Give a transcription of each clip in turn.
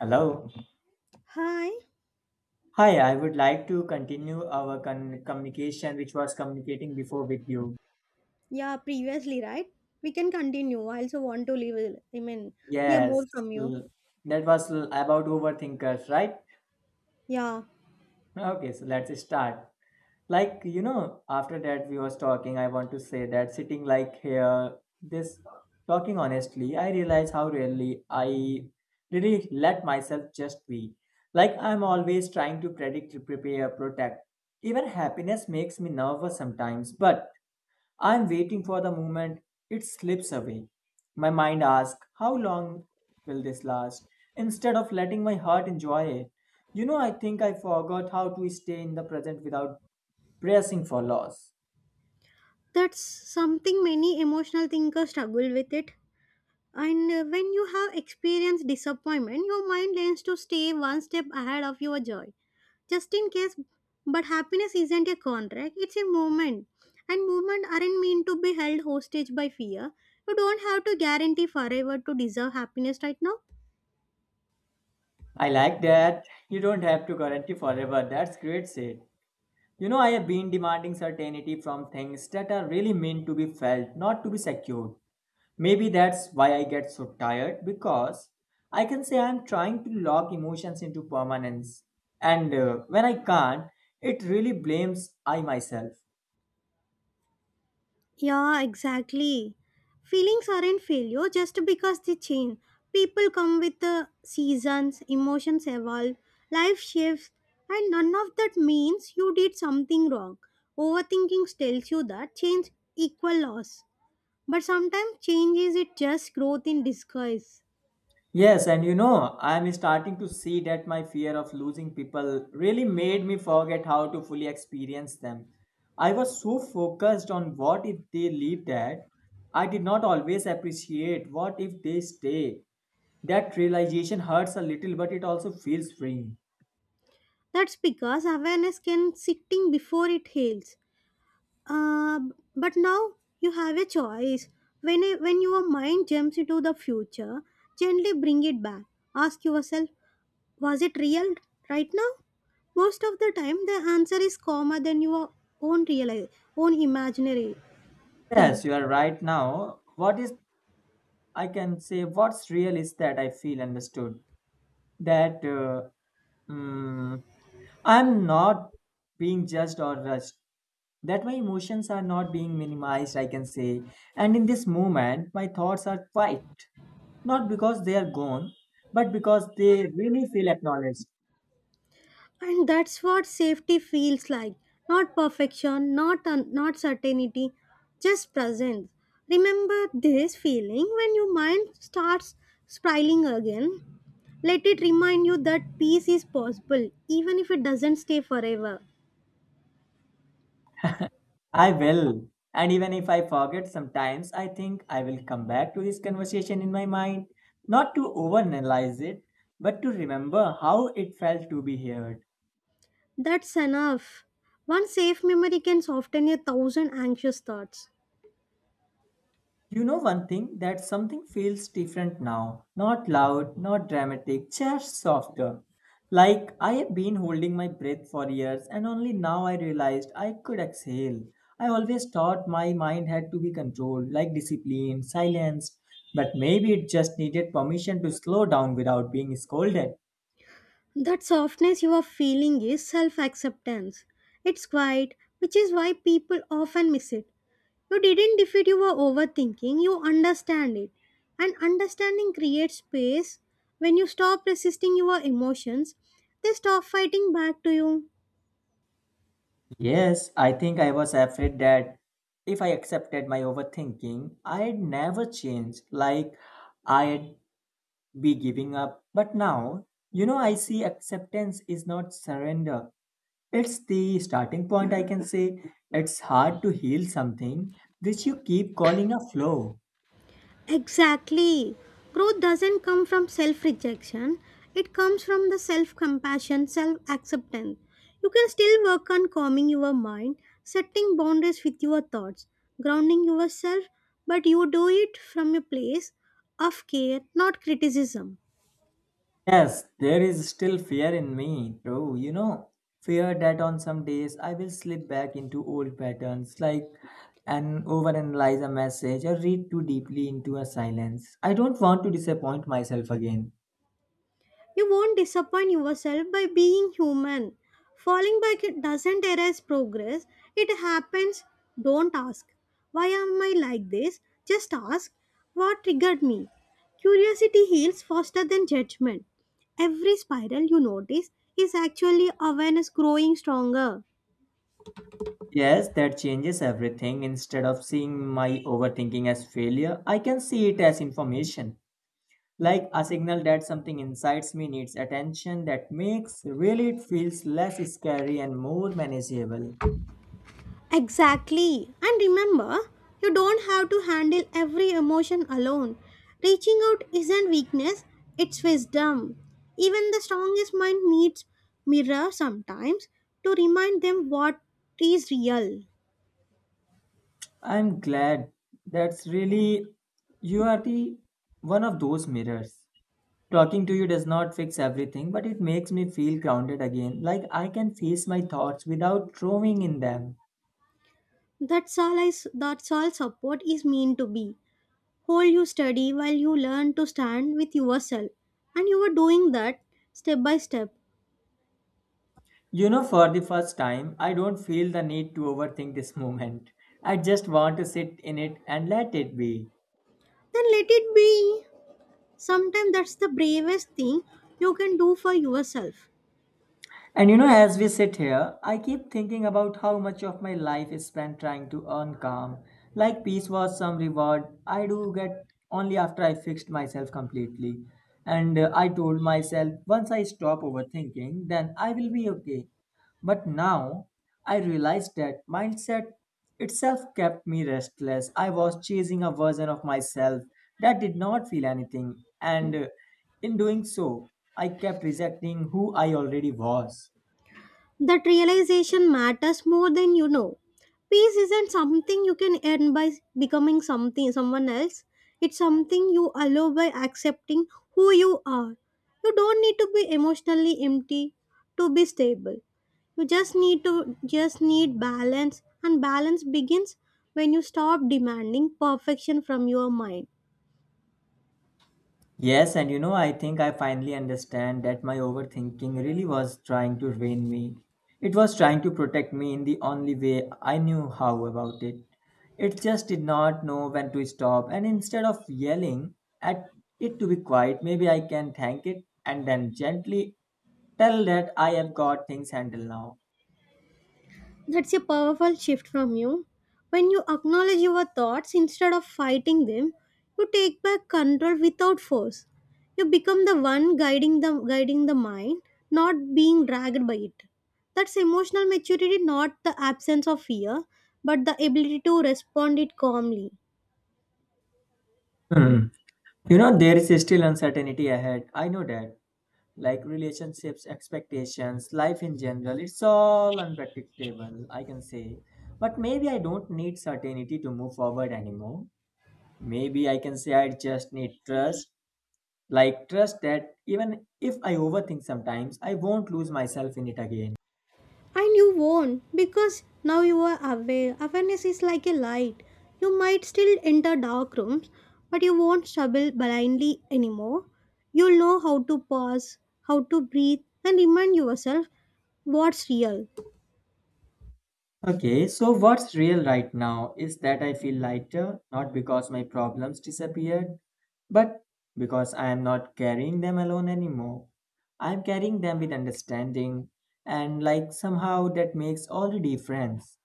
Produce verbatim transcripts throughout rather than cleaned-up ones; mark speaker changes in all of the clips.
Speaker 1: Hello.
Speaker 2: Hi.
Speaker 1: Hi, I would like to continue our con- communication, which was communicating before with you.
Speaker 2: Yeah, previously, right? We can continue. I also want to leave. I mean, hear
Speaker 1: Yes,
Speaker 2: more from you.
Speaker 1: l- that was l- about overthinkers, right?
Speaker 2: Yeah,
Speaker 1: Okay, so let's start. Like, you know, after that we was talking, I want to say that sitting like here, this talking honestly, I realize how rarely I really let myself just be. Like, I'm always trying to predict, prepare, protect. Even happiness makes me nervous sometimes, but I'm waiting for the moment it slips away. My mind asks, how long will this last? Instead of letting my heart enjoy it. You know, I think I forgot how to stay in the present without pressing for loss.
Speaker 2: that's something many emotional thinkers struggle with it. And uh, When you have experienced disappointment, your mind learns to stay one step ahead of your joy, just in case. But happiness isn't a contract; it's a moment, and movement aren't meant to be held hostage by fear. You don't have to guarantee forever to deserve happiness right now.
Speaker 1: I like that. You don't have to guarantee forever. That's great, Sid. You know, I have been demanding certainty from things that are really meant to be felt, not to be secured. Maybe that's why I get so tired, because I can say I'm trying to lock emotions into permanence. And uh, when I can't, it really blames I myself.
Speaker 2: Yeah, exactly. Feelings aren't failure just because they change. People come with the seasons, emotions evolve, life shifts, and none of that means you did something wrong. Overthinking tells you that change equal loss. But sometimes change is it just growth in disguise.
Speaker 1: Yes, and you know, I'm starting to see that my fear of losing people really made me forget how to fully experience them. I was so focused on what if they leave, that I did not always appreciate what if they stay. That realization hurts a little, but it also feels freeing.
Speaker 2: That's because awareness can sitting before it heals. Uh, b- but now you have a choice. When, a, when your mind jumps into the future, gently bring it back. Ask yourself, was it real right now? Most of the time, the answer is calmer than your own real, own imaginary
Speaker 1: Yes,
Speaker 2: thing.
Speaker 1: you are right now. What is, I can say, what's real is that I feel understood. That uh, mm, I'm not being judged or rushed. That my emotions are not being minimized, I can say. And in this moment, my thoughts are quiet. Not because they are gone, but because they really feel acknowledged.
Speaker 2: And that's what safety feels like. Not perfection, not un- not certainty, just presence. Remember this feeling when your mind starts spiraling again. Let it remind you that peace is possible, even if it doesn't stay forever.
Speaker 1: I will. And even if I forget sometimes, I think I will come back to this conversation in my mind, not to overanalyze it, but to remember how it felt to be heard.
Speaker 2: That's enough. One safe memory can soften a thousand anxious thoughts.
Speaker 1: You know, one thing, that something feels different now. Not loud, not dramatic, just softer. Like I have been holding my breath for years, and only now I realized I could exhale. I always thought my mind had to be controlled, like discipline, silenced, but maybe it just needed permission to slow down without being scolded.
Speaker 2: That softness you are feeling is self acceptance. It's quiet, which is why people often miss it. You didn't defeat your overthinking, you understand it. And understanding creates space. When you stop resisting your emotions, they stop fighting back to you.
Speaker 1: Yes, I think I was afraid that if I accepted my overthinking, I'd never change. Like, I'd be giving up. But now, you know, I see acceptance is not surrender. It's the starting point, I can say. It's hard to heal something which you keep calling a flaw.
Speaker 2: Exactly. Growth doesn't come from self rejection, it comes from the self compassion, self acceptance. You can still work on calming your mind, setting boundaries with your thoughts, grounding yourself, but you do it from a place of care, not criticism.
Speaker 1: Yes, there is still fear in me, bro. You know, fear that on some days I will slip back into old patterns, like and overanalyze a message or read too deeply into a silence. I don't want to disappoint myself again.
Speaker 2: You won't disappoint yourself by being human. Falling back it doesn't erase progress, it happens. Don't ask, why am I like this? Just ask, what triggered me? Curiosity heals faster than judgment. Every spiral you notice is actually awareness growing stronger.
Speaker 1: Yes, that changes everything. Instead of seeing my overthinking as failure, I can see it as information, like a signal that something inside me needs attention. That makes really it feels less scary and more manageable.
Speaker 2: Exactly. And remember, you don't have to handle every emotion alone. Reaching out isn't weakness, it's wisdom. Even the strongest mind needs mirror sometimes to remind them what is real.
Speaker 1: I'm glad that's really you are the one of those mirrors. Talking to you does not fix everything, but it makes me feel grounded again, like I can face my thoughts without drowning in them.
Speaker 2: That's all I, s- that's all support is meant to be. Hold you steady while you learn to stand with yourself. And you are doing that step by step.
Speaker 1: You know, for the first time, I don't feel the need to overthink this moment. I just want to sit in it and let it be.
Speaker 2: Then let it be. Sometimes that's the bravest thing you can do for yourself.
Speaker 1: And you know, as we sit here, I keep thinking about how much of my life is spent trying to earn calm, like peace was some reward I do get only after I fixed myself completely. And uh, I told myself, once I stop overthinking, then I will be okay. But now I realized that mindset itself kept me restless. I was chasing a version of myself that did not feel anything, and uh, in doing so, I kept rejecting who I already was.
Speaker 2: That realization matters more than you know. Peace isn't something you can earn by becoming something someone else. It's something you allow by accepting who you are. You don't need to be emotionally empty to be stable. You just need to Just need balance and balance begins when you stop demanding perfection from your mind.
Speaker 1: Yes, and you know, I think I finally understand that my overthinking really was trying to drain me. It was trying to protect me in the only way I knew how about it. It just did not know when to stop, and instead of yelling at it to be quiet, maybe I can thank it and then gently tell that I have got things handled now.
Speaker 2: That's a powerful shift from you. When you acknowledge your thoughts instead of fighting them, you take back control without force. You become the one guiding the guiding the mind, not being dragged by it. That's emotional maturity, not the absence of fear, but the ability to respond it calmly.
Speaker 1: Hmm. You know, there is still uncertainty ahead. I know that. Like relationships, expectations, life in general. It's all unpredictable, I can say. But maybe I don't need certainty to move forward anymore. Maybe I can say I just need trust. Like, trust that even if I overthink sometimes, I won't lose myself in it again.
Speaker 2: And you won't because now you are aware. Awareness is like a light. You might still enter dark rooms, but you won't stumble blindly anymore. You'll know how to pause, how to breathe, and remind yourself what's real.
Speaker 1: Okay, so what's real right now is that I feel lighter, not because my problems disappeared, but because I am not carrying them alone anymore. I'm carrying them with understanding, and like somehow that makes all the difference.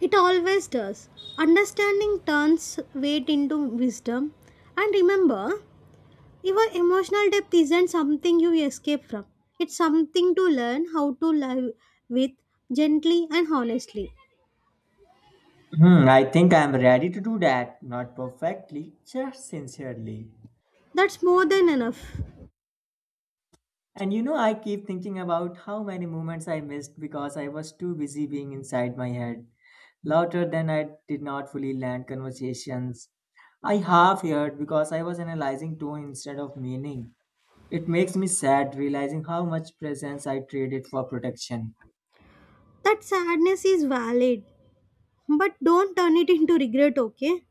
Speaker 2: It always does. Understanding turns weight into wisdom. And remember, your emotional depth isn't something you escape from, it's something to learn how to live with gently and honestly.
Speaker 1: Hmm, I think I'm ready to do that, not perfectly, just sincerely.
Speaker 2: That's more than enough.
Speaker 1: And you know, I keep thinking about how many moments I missed because I was too busy being inside my head. Louder than I did not fully land conversations I half heard because I was analyzing tone instead of meaning. It makes me sad realizing how much presence I traded for protection.
Speaker 2: That sadness is valid, but don't turn it into regret, okay?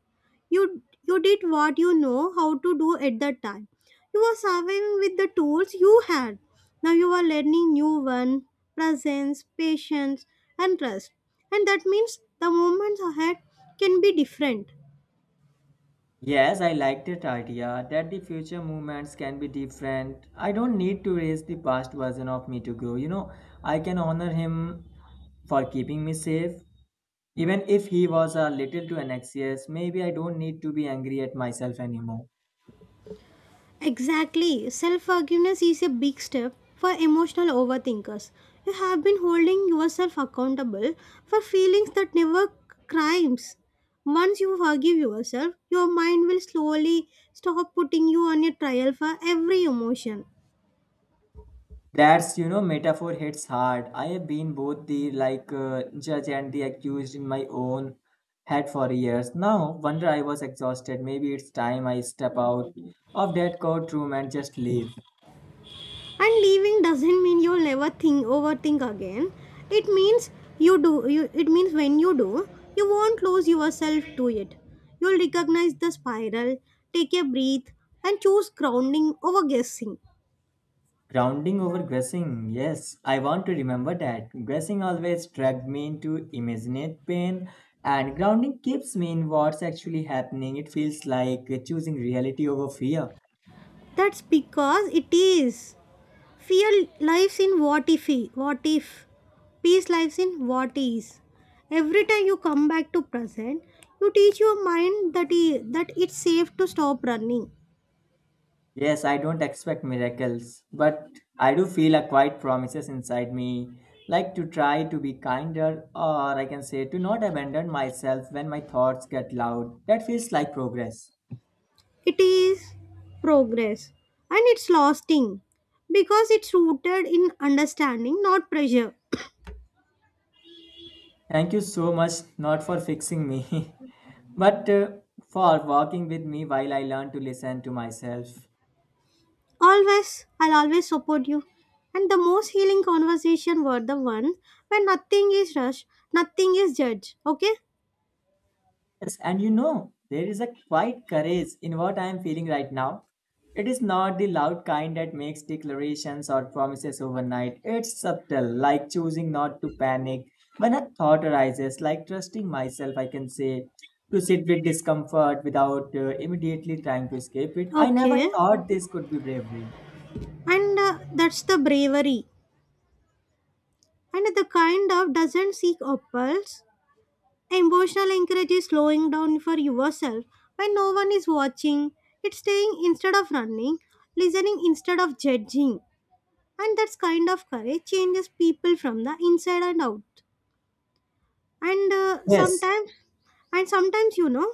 Speaker 2: You you did what you know how to do at that time. You were serving with the tools you had. Now you are learning new one, presence, patience, and trust. And that means the moments ahead can be different.
Speaker 1: Yes, I like that idea, that the future movements can be different. I don't need to raise the past version of me to grow. You know, I can honor him for keeping me safe. Even if he was a little too anxious, maybe I don't need to be angry at myself anymore.
Speaker 2: Exactly. Self forgiveness is a big step for emotional overthinkers. You have been holding yourself accountable for feelings that never crimes. Once you forgive yourself, your mind will slowly stop putting you on a trial for every emotion.
Speaker 1: That's, you know, metaphor hits hard. I have been both the like uh, judge and the accused in my own head for years. Now, wonder I was exhausted. Maybe it's time I step out of that courtroom and just leave.
Speaker 2: And leaving doesn't mean you'll never think overthink again, it means you do you it means when you do you won't lose yourself to it. You'll recognize the spiral, take a breath, and choose grounding over guessing.
Speaker 1: Grounding over guessing. Yes, I want to remember that. Guessing always dragged me into imagined pain, and grounding keeps me in what's actually happening. It feels like choosing reality over fear.
Speaker 2: That's because it is. Fear lives in what if, what if peace lives in what is. Every time you come back to present, you teach your mind that, i- that it's safe to stop running.
Speaker 1: Yes, I don't expect miracles, but I do feel a quiet promises inside me, like to try to be kinder, or I can say to not abandon myself when my thoughts get loud. That feels like progress.
Speaker 2: It is progress and it's lasting because it's rooted in understanding, not pressure.
Speaker 1: Thank you so much, not for fixing me, but uh, for walking with me while I learn to listen to myself.
Speaker 2: Always, I'll always support you. And the most healing conversation were the ones where nothing is rushed, nothing is judged. Okay?
Speaker 1: Yes, and you know, there is a quiet courage in what I am feeling right now. It is not the loud kind that makes declarations or promises overnight. It's subtle, like choosing not to panic when a thought arises, like trusting myself, I can say, to sit with discomfort without uh, immediately trying to escape it. I never
Speaker 2: Okay.
Speaker 1: thought this could be bravery.
Speaker 2: And uh, That's the bravery. And the kind of doesn't seek apples. Emotional anchorage is slowing down for yourself when no one is watching. It's staying instead of running, listening instead of judging. And that's kind of courage changes people from the inside and out. And uh,
Speaker 1: Yes,
Speaker 2: sometimes, and sometimes you know,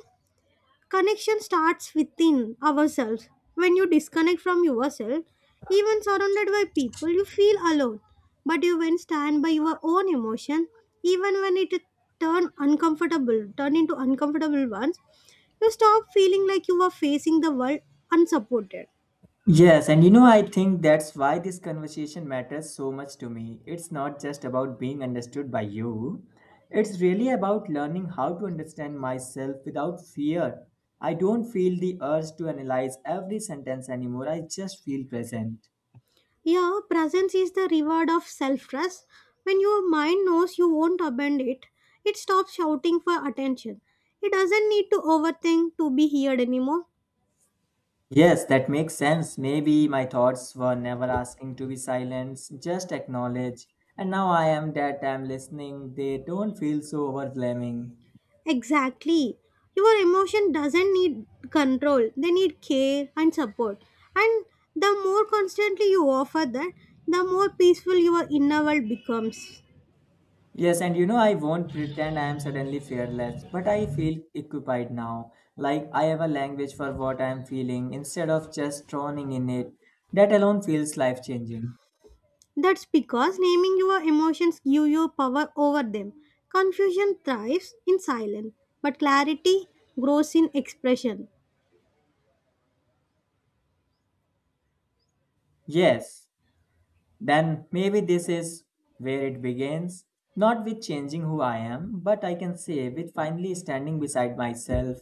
Speaker 2: connection starts within ourselves. When you disconnect from yourself, even surrounded by people, you feel alone. But you when stand by your own emotion, even when it turn uncomfortable, turn into uncomfortable ones, you stop feeling like you are facing the world unsupported.
Speaker 1: yes, and you know, I think that's why this conversation matters so much to me. It's not just about being understood by you, it's really about learning how to understand myself without fear. I don't feel the urge to analyze every sentence anymore, I just feel present.
Speaker 2: Yeah, presence is the reward of self trust. When your mind knows you won't abandon it, it stops shouting for attention. It doesn't need to overthink to be heard anymore.
Speaker 1: Yes, that makes sense. Maybe my thoughts were never asking to be silenced, just acknowledge. And now I am that I'm listening, they don't feel so overwhelming.
Speaker 2: Exactly. Your emotion doesn't need control, they need care and support. And the more constantly you offer that, the more peaceful your inner world becomes.
Speaker 1: Yes, and you know, I won't pretend I am suddenly fearless, but I feel equipped now. Like I have a language for what I am feeling instead of just drowning in it. That alone feels life changing.
Speaker 2: That's because naming your emotions give you power over them. Confusion thrives in silence, but clarity grows in expression.
Speaker 1: Yes, then maybe this is where it begins. Not with changing who I am, but I can say with finally standing beside myself.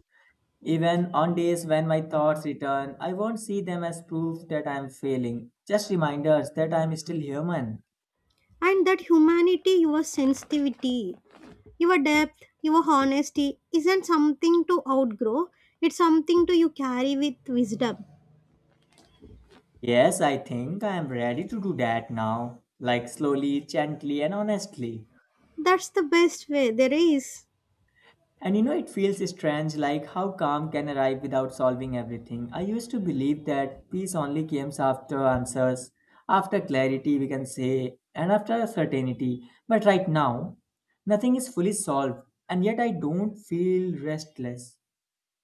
Speaker 1: Even on days when my thoughts return, I won't see them as proof that I am failing, just reminders that I am still human.
Speaker 2: And that humanity, your sensitivity, your depth, your honesty isn't something to outgrow, it's something to you carry with wisdom.
Speaker 1: Yes, I think I am ready to do that now, like slowly, gently, and honestly.
Speaker 2: That's the best way there is.
Speaker 1: And you know, it feels strange, like how calm can arrive without solving everything. I used to believe that peace only comes after answers, after clarity, we can say, and after certainty. But right now, nothing is fully solved, and yet I don't feel restless.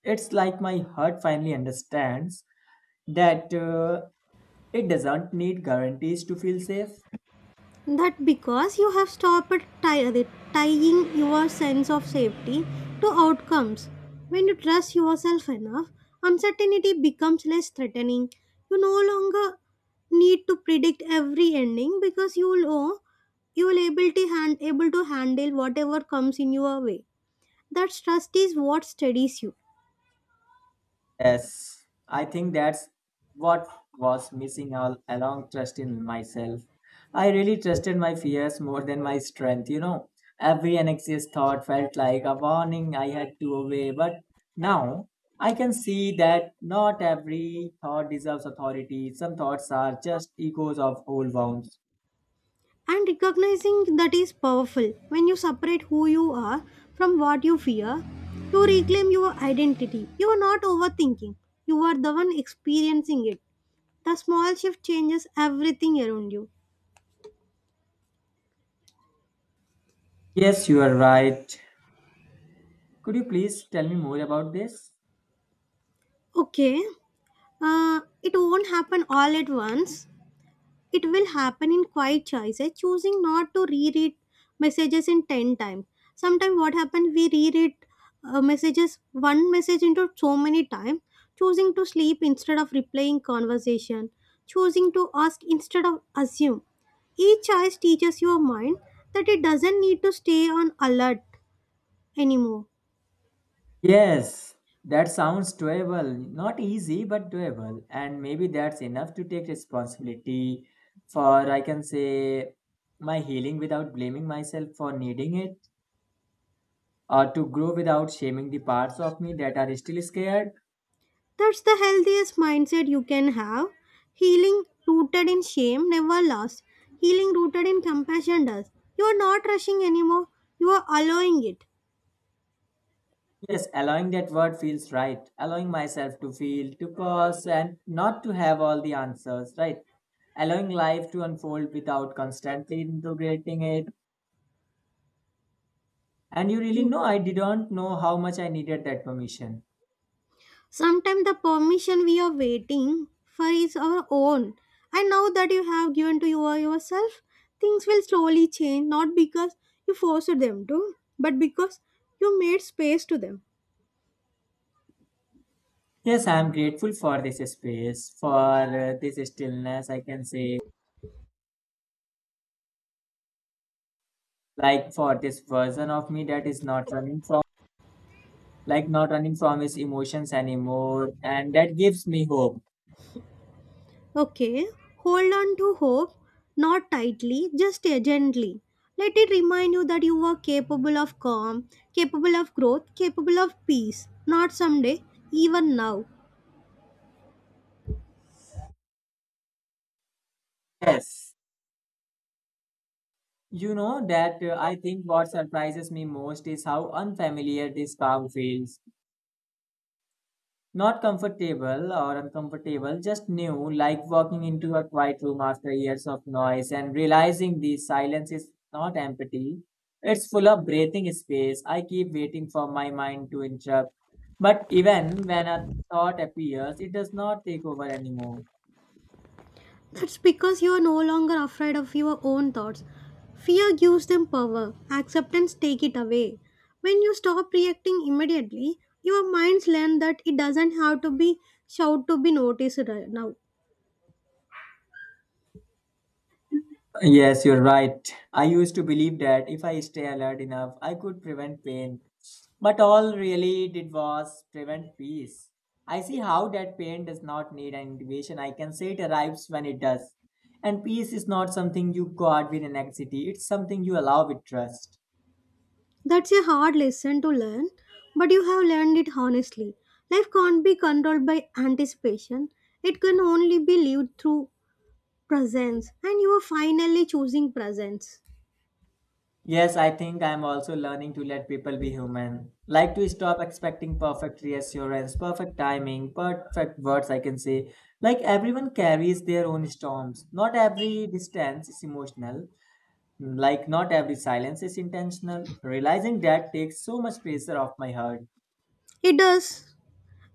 Speaker 1: It's like my heart finally understands that uh, it doesn't need guarantees to feel safe.
Speaker 2: That because you have stopped tie- tying your sense of safety to outcomes. When you trust yourself enough, uncertainty becomes less threatening. You no longer need to predict every ending because you will know you will able to, hand, able to handle whatever comes in your way. That trust is what steadies you.
Speaker 1: Yes, I think that's what was missing all along, trust in myself. I really trusted my fears more than my strength, you know. Every anxious thought felt like a warning I had to obey, but now I can see that not every thought deserves authority. Some thoughts are just echoes of old wounds.
Speaker 2: And recognizing that is powerful. When you separate who you are from what you fear, you reclaim your identity. You are not overthinking, you are the one experiencing it. The small shift changes everything around you.
Speaker 1: Yes, you are right. Could you please tell me more about this?
Speaker 2: Okay, uh, it won't happen all at once. It will happen in quiet choices, choosing not to reread messages in ten times. Sometimes, what happens, we reread uh, messages, one message into so many times, choosing to sleep instead of replaying conversation, choosing to ask instead of assume. Each choice teaches your mind that it doesn't need to stay on alert anymore.
Speaker 1: Yes, that sounds doable. Not easy, but doable. And maybe that's enough to take responsibility for, I can say, my healing without blaming myself for needing it, or to grow without shaming the parts of me that are still scared.
Speaker 2: That's the healthiest mindset you can have. Healing rooted in shame never lasts. Healing rooted in compassion does. You are not rushing anymore, you are allowing it.
Speaker 1: Yes, allowing, that word feels right. Allowing myself to feel, to pause, and not to have all the answers, right? Allowing life to unfold without constantly integrating it. And you really
Speaker 2: Mm.
Speaker 1: know, I didn't know how much I needed that permission.
Speaker 2: Sometimes the permission we are waiting for is our own. And now that you have given to your yourself, things will slowly change, not because you forced them to, but because you made space to them.
Speaker 1: Yes, I'm grateful for this space, for uh, this stillness, I can say, like for this version of me that is not running from, like not running from his emotions anymore, and that gives me hope.
Speaker 2: Okay, hold on to hope, not tightly, just gently. Let it remind you that you are capable of calm, capable of growth, capable of peace. Not someday, even now.
Speaker 1: Yes. You know that uh, I think what surprises me most is how unfamiliar this calm feels. Not comfortable or uncomfortable, just new, like walking into a quiet room after years of noise and realizing the silence is not empty. It's full of breathing space. I keep waiting for my mind to interrupt. But even when a thought appears, it does not take over anymore.
Speaker 2: That's because you are no longer afraid of your own thoughts. Fear gives them power, acceptance take it away. When you stop reacting immediately, your minds learn that it doesn't have to be shout to be noticed right now.
Speaker 1: Yes, you're right. I used to believe that if I stay alert enough, I could prevent pain. But all really did was prevent peace. I see how that pain does not need an invitation. I can say it arrives when it does. And peace is not something you guard with anxiety, it's something you allow with trust.
Speaker 2: That's a hard lesson to learn, but you have learned it honestly. Life can't be controlled by anticipation, it can only be lived through presence, and you are finally choosing presence.
Speaker 1: Yes, I think I am also learning to let people be human. Like to stop expecting perfect reassurance, perfect timing, perfect words, I can say. Like everyone carries their own storms. Not every distance is emotional. Like, not every silence is intentional. Realizing that takes so much pressure off my heart.
Speaker 2: It does.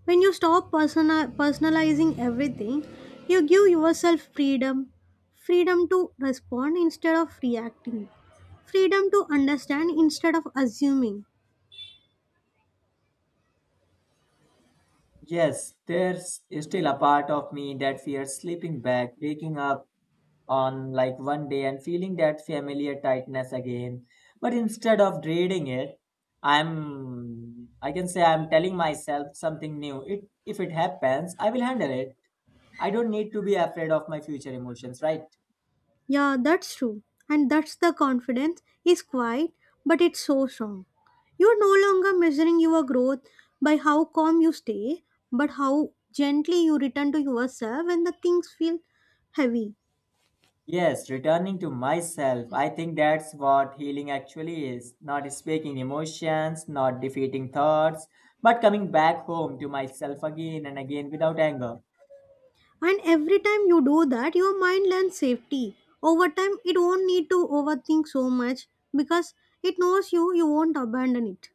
Speaker 2: When you stop persona- personalizing everything, you give yourself freedom, freedom to respond instead of reacting, freedom to understand instead of assuming.
Speaker 1: Yes, there's still a part of me that fears sleeping back, waking up on like one day and feeling that familiar tightness again. But instead of dreading it, I'm, I can say I'm telling myself something new. It, if it happens, I will handle it. I don't need to be afraid of my future emotions, right?
Speaker 2: Yeah, that's true. And that's the confidence is quiet, but it's so strong. You're no longer measuring your growth by how calm you stay, but how gently you return to yourself when the things feel heavy.
Speaker 1: Yes, returning to myself, I think that's what healing actually is. Not speaking emotions, not defeating thoughts, but coming back home to myself again and again without anger.
Speaker 2: And every time you do that, your mind learns safety. Over time, it won't need to overthink so much because it knows you, you won't abandon it.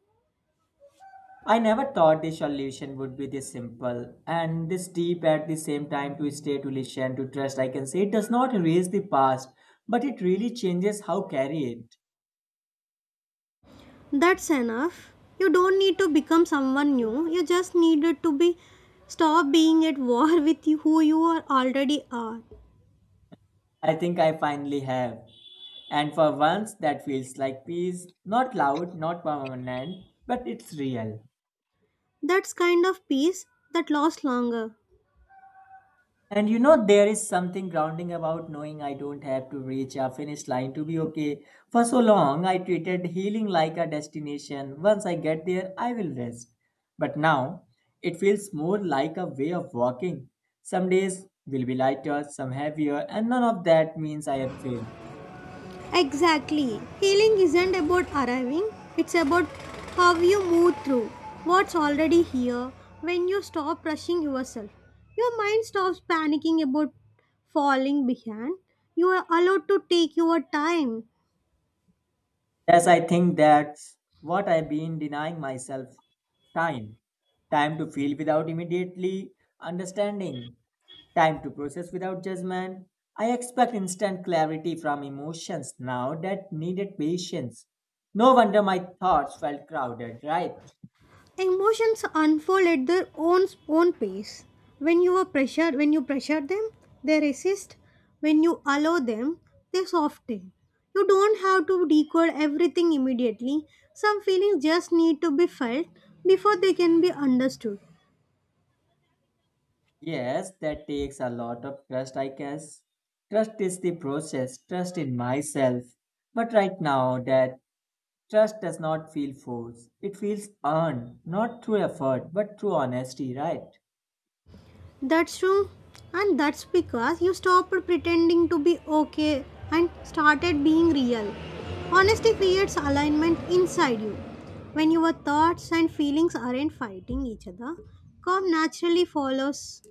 Speaker 1: I never thought the solution would be this simple and this deep at the same time to stay, to listen, to trust. I can say it does not erase the past, but it really changes how carry it.
Speaker 2: That's enough. You don't need to become someone new. You just needed to be Stop being at war with you- who you are already are.
Speaker 1: I think I finally have. And for once, that feels like peace, not loud, not permanent, but it's real.
Speaker 2: That's kind of peace that lasts longer.
Speaker 1: And you know, there is something grounding about knowing I don't have to reach a finish line to be okay. For so long, I treated healing like a destination. Once I get there, I will rest. But now, it feels more like a way of walking. Some days will be lighter, some heavier, and none of that means I have failed.
Speaker 2: Exactly. Healing isn't about arriving, it's about how you move through what's already here when you stop rushing yourself. Your mind stops panicking about falling behind. You are allowed to take your time.
Speaker 1: Yes, I think that's what I've been denying myself time. Time to feel without immediately understanding. Time to process without judgment. I expect instant clarity from emotions now that needed patience. No wonder my thoughts felt crowded, right?
Speaker 2: Emotions unfold at their own own pace. When you are pressured, when you pressure them, they resist. When you allow them, they soften. You don't have to decode everything immediately. Some feelings just need to be felt before they can be understood.
Speaker 1: Yes, that takes a lot of trust, I guess. Trust is the process, trust in myself. But right now, that trust does not feel forced. It feels earned, not through effort, but through honesty, right?
Speaker 2: That's true. And that's because you stopped pretending to be okay and started being real. Honesty creates alignment inside you. When your thoughts and feelings aren't fighting each other, calm naturally follows.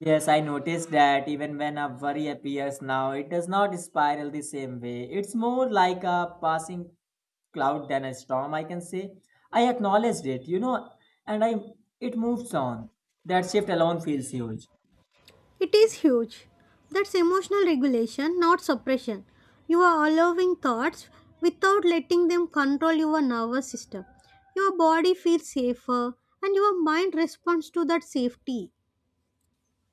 Speaker 1: Yes, I noticed that even when a worry appears now, it does not spiral the same way. It's more like a passing cloud than a storm, I can say. I acknowledged it, you know, and I it moves on. That shift alone feels huge.
Speaker 2: It is huge. That's emotional regulation, not suppression. You are allowing thoughts without letting them control your nervous system. Your body feels safer and your mind responds to that safety.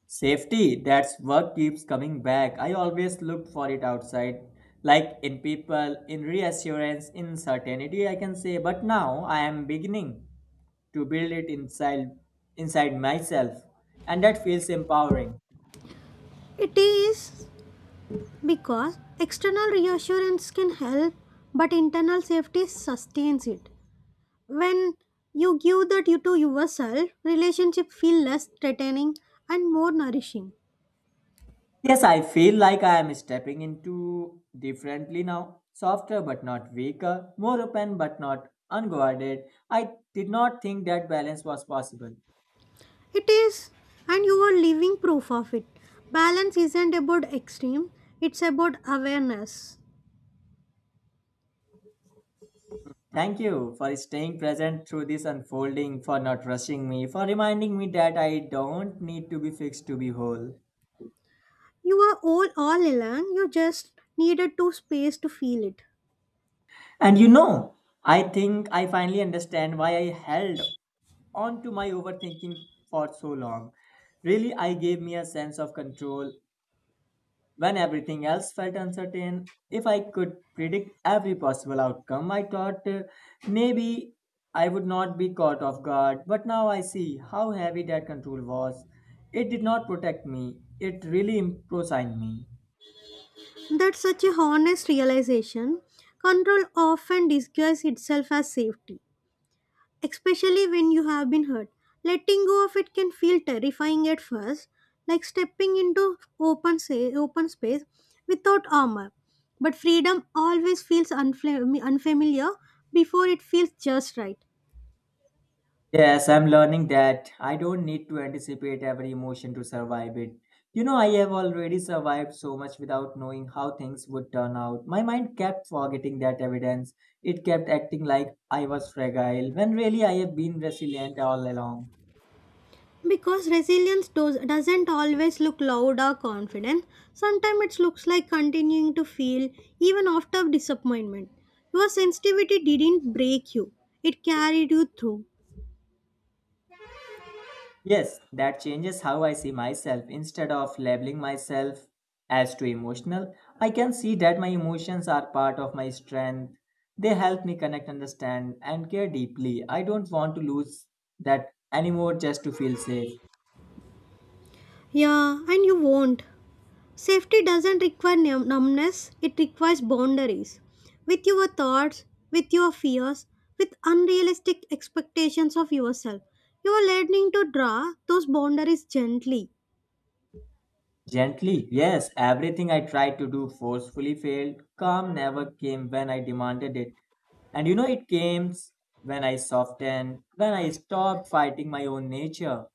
Speaker 1: Safety, that's what keeps coming back. I always looked for it outside, like in people, in reassurance, in certainty, I can say. But now I am beginning to build it inside, inside myself, and that feels empowering.
Speaker 2: It is. Because external reassurance can help, but internal safety sustains it. When you give that you to yourself, relationship feel less threatening and more nourishing.
Speaker 1: Yes, I feel like I am stepping into differently now, softer but not weaker, more open but not unguarded. I did not think that balance was possible.
Speaker 2: It is, and you are living proof of it. Balance isn't about extreme; it's about awareness.
Speaker 1: Thank you for staying present through this unfolding, for not rushing me, for reminding me that I don't need to be fixed to be whole.
Speaker 2: You are all all along. You just needed to space to feel it.
Speaker 1: And you know, I think I finally understand why I held on to my overthinking for so long. Really, I gave me a sense of control when everything else felt uncertain. If I could predict every possible outcome, I thought uh, maybe I would not be caught off guard. But now I see how heavy that control was. It did not protect me, it really impossigned me.
Speaker 2: That's such a honest realization. Control often disguises itself as safety, especially when you have been hurt. Letting go of it can feel terrifying at first, like stepping into open say, open space without armor. But freedom always feels unfla- unfamiliar before it feels just right.
Speaker 1: Yes, I'm learning that I don't need to anticipate every emotion to survive it. You know, I have already survived so much without knowing how things would turn out. My mind kept forgetting that evidence. It kept acting like I was fragile, when really I have been resilient all along.
Speaker 2: Because resilience does, doesn't always look loud or confident, sometimes it looks like continuing to feel even after disappointment. Your sensitivity didn't break you, it carried you through.
Speaker 1: Yes, that changes how I see myself. Instead of labeling myself as too emotional, I can see that my emotions are part of my strength. They help me connect, understand, and care deeply. I don't want to lose that anymore just to feel safe.
Speaker 2: Yeah, and you won't. Safety doesn't require num- numbness, it requires boundaries. With your thoughts, with your fears, with unrealistic expectations of yourself, you are learning to draw those boundaries gently.
Speaker 1: Gently, yes, everything I tried to do forcefully failed. Calm never came when I demanded it. And you know, it came when I softened, when I stopped fighting my own nature.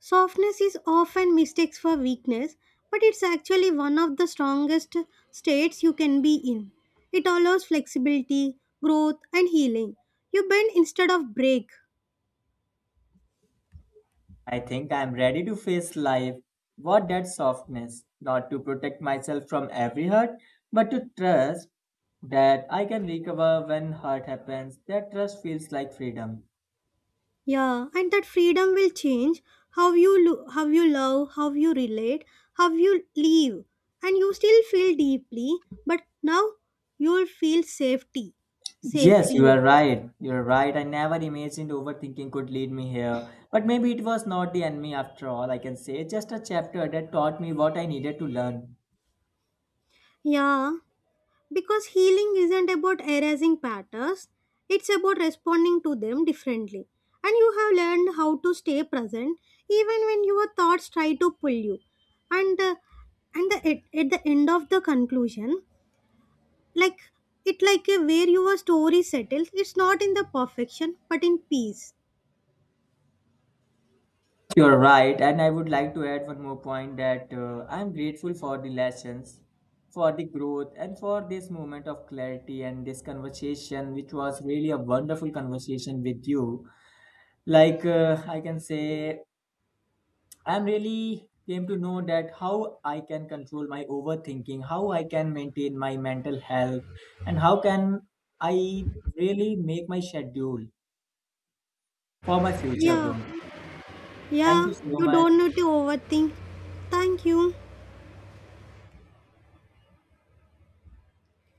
Speaker 2: Softness is often mistaken for weakness, but it's actually one of the strongest states you can be in. It allows flexibility, growth, and healing. You bend instead of break.
Speaker 1: I think I'm ready to face life. What that softness, not to protect myself from every hurt, but to trust that I can recover when hurt happens. That trust feels like freedom.
Speaker 2: Yeah, and that freedom will change how you lo- how you love, how you relate, how you live, and you still feel deeply, but now you'll feel safety,
Speaker 1: Yes,
Speaker 2: safely.
Speaker 1: you are right. You're right. I never imagined overthinking could lead me here. But maybe it was not the enemy after all, I can say. Just a chapter that taught me what I needed to learn.
Speaker 2: Yeah, because healing isn't about erasing patterns; it's about responding to them differently. And you have learned how to stay present even when your thoughts try to pull you. And uh, and the, at, at the end of the conclusion, like it like a where your story settles, it's not in the perfection but in peace.
Speaker 1: You're right, and I would like to add one more point that uh, I'm grateful for the lessons, for the growth, and for this moment of clarity and this conversation, which was really a wonderful conversation with you. Like, uh, I can say, I'm really came to know that how I can control my overthinking, how I can maintain my mental health, and how can I really make my schedule for my future
Speaker 2: Yeah,
Speaker 1: growth. Thank
Speaker 2: yeah,
Speaker 1: you so
Speaker 2: you
Speaker 1: much.
Speaker 2: don't need to overthink. Thank you.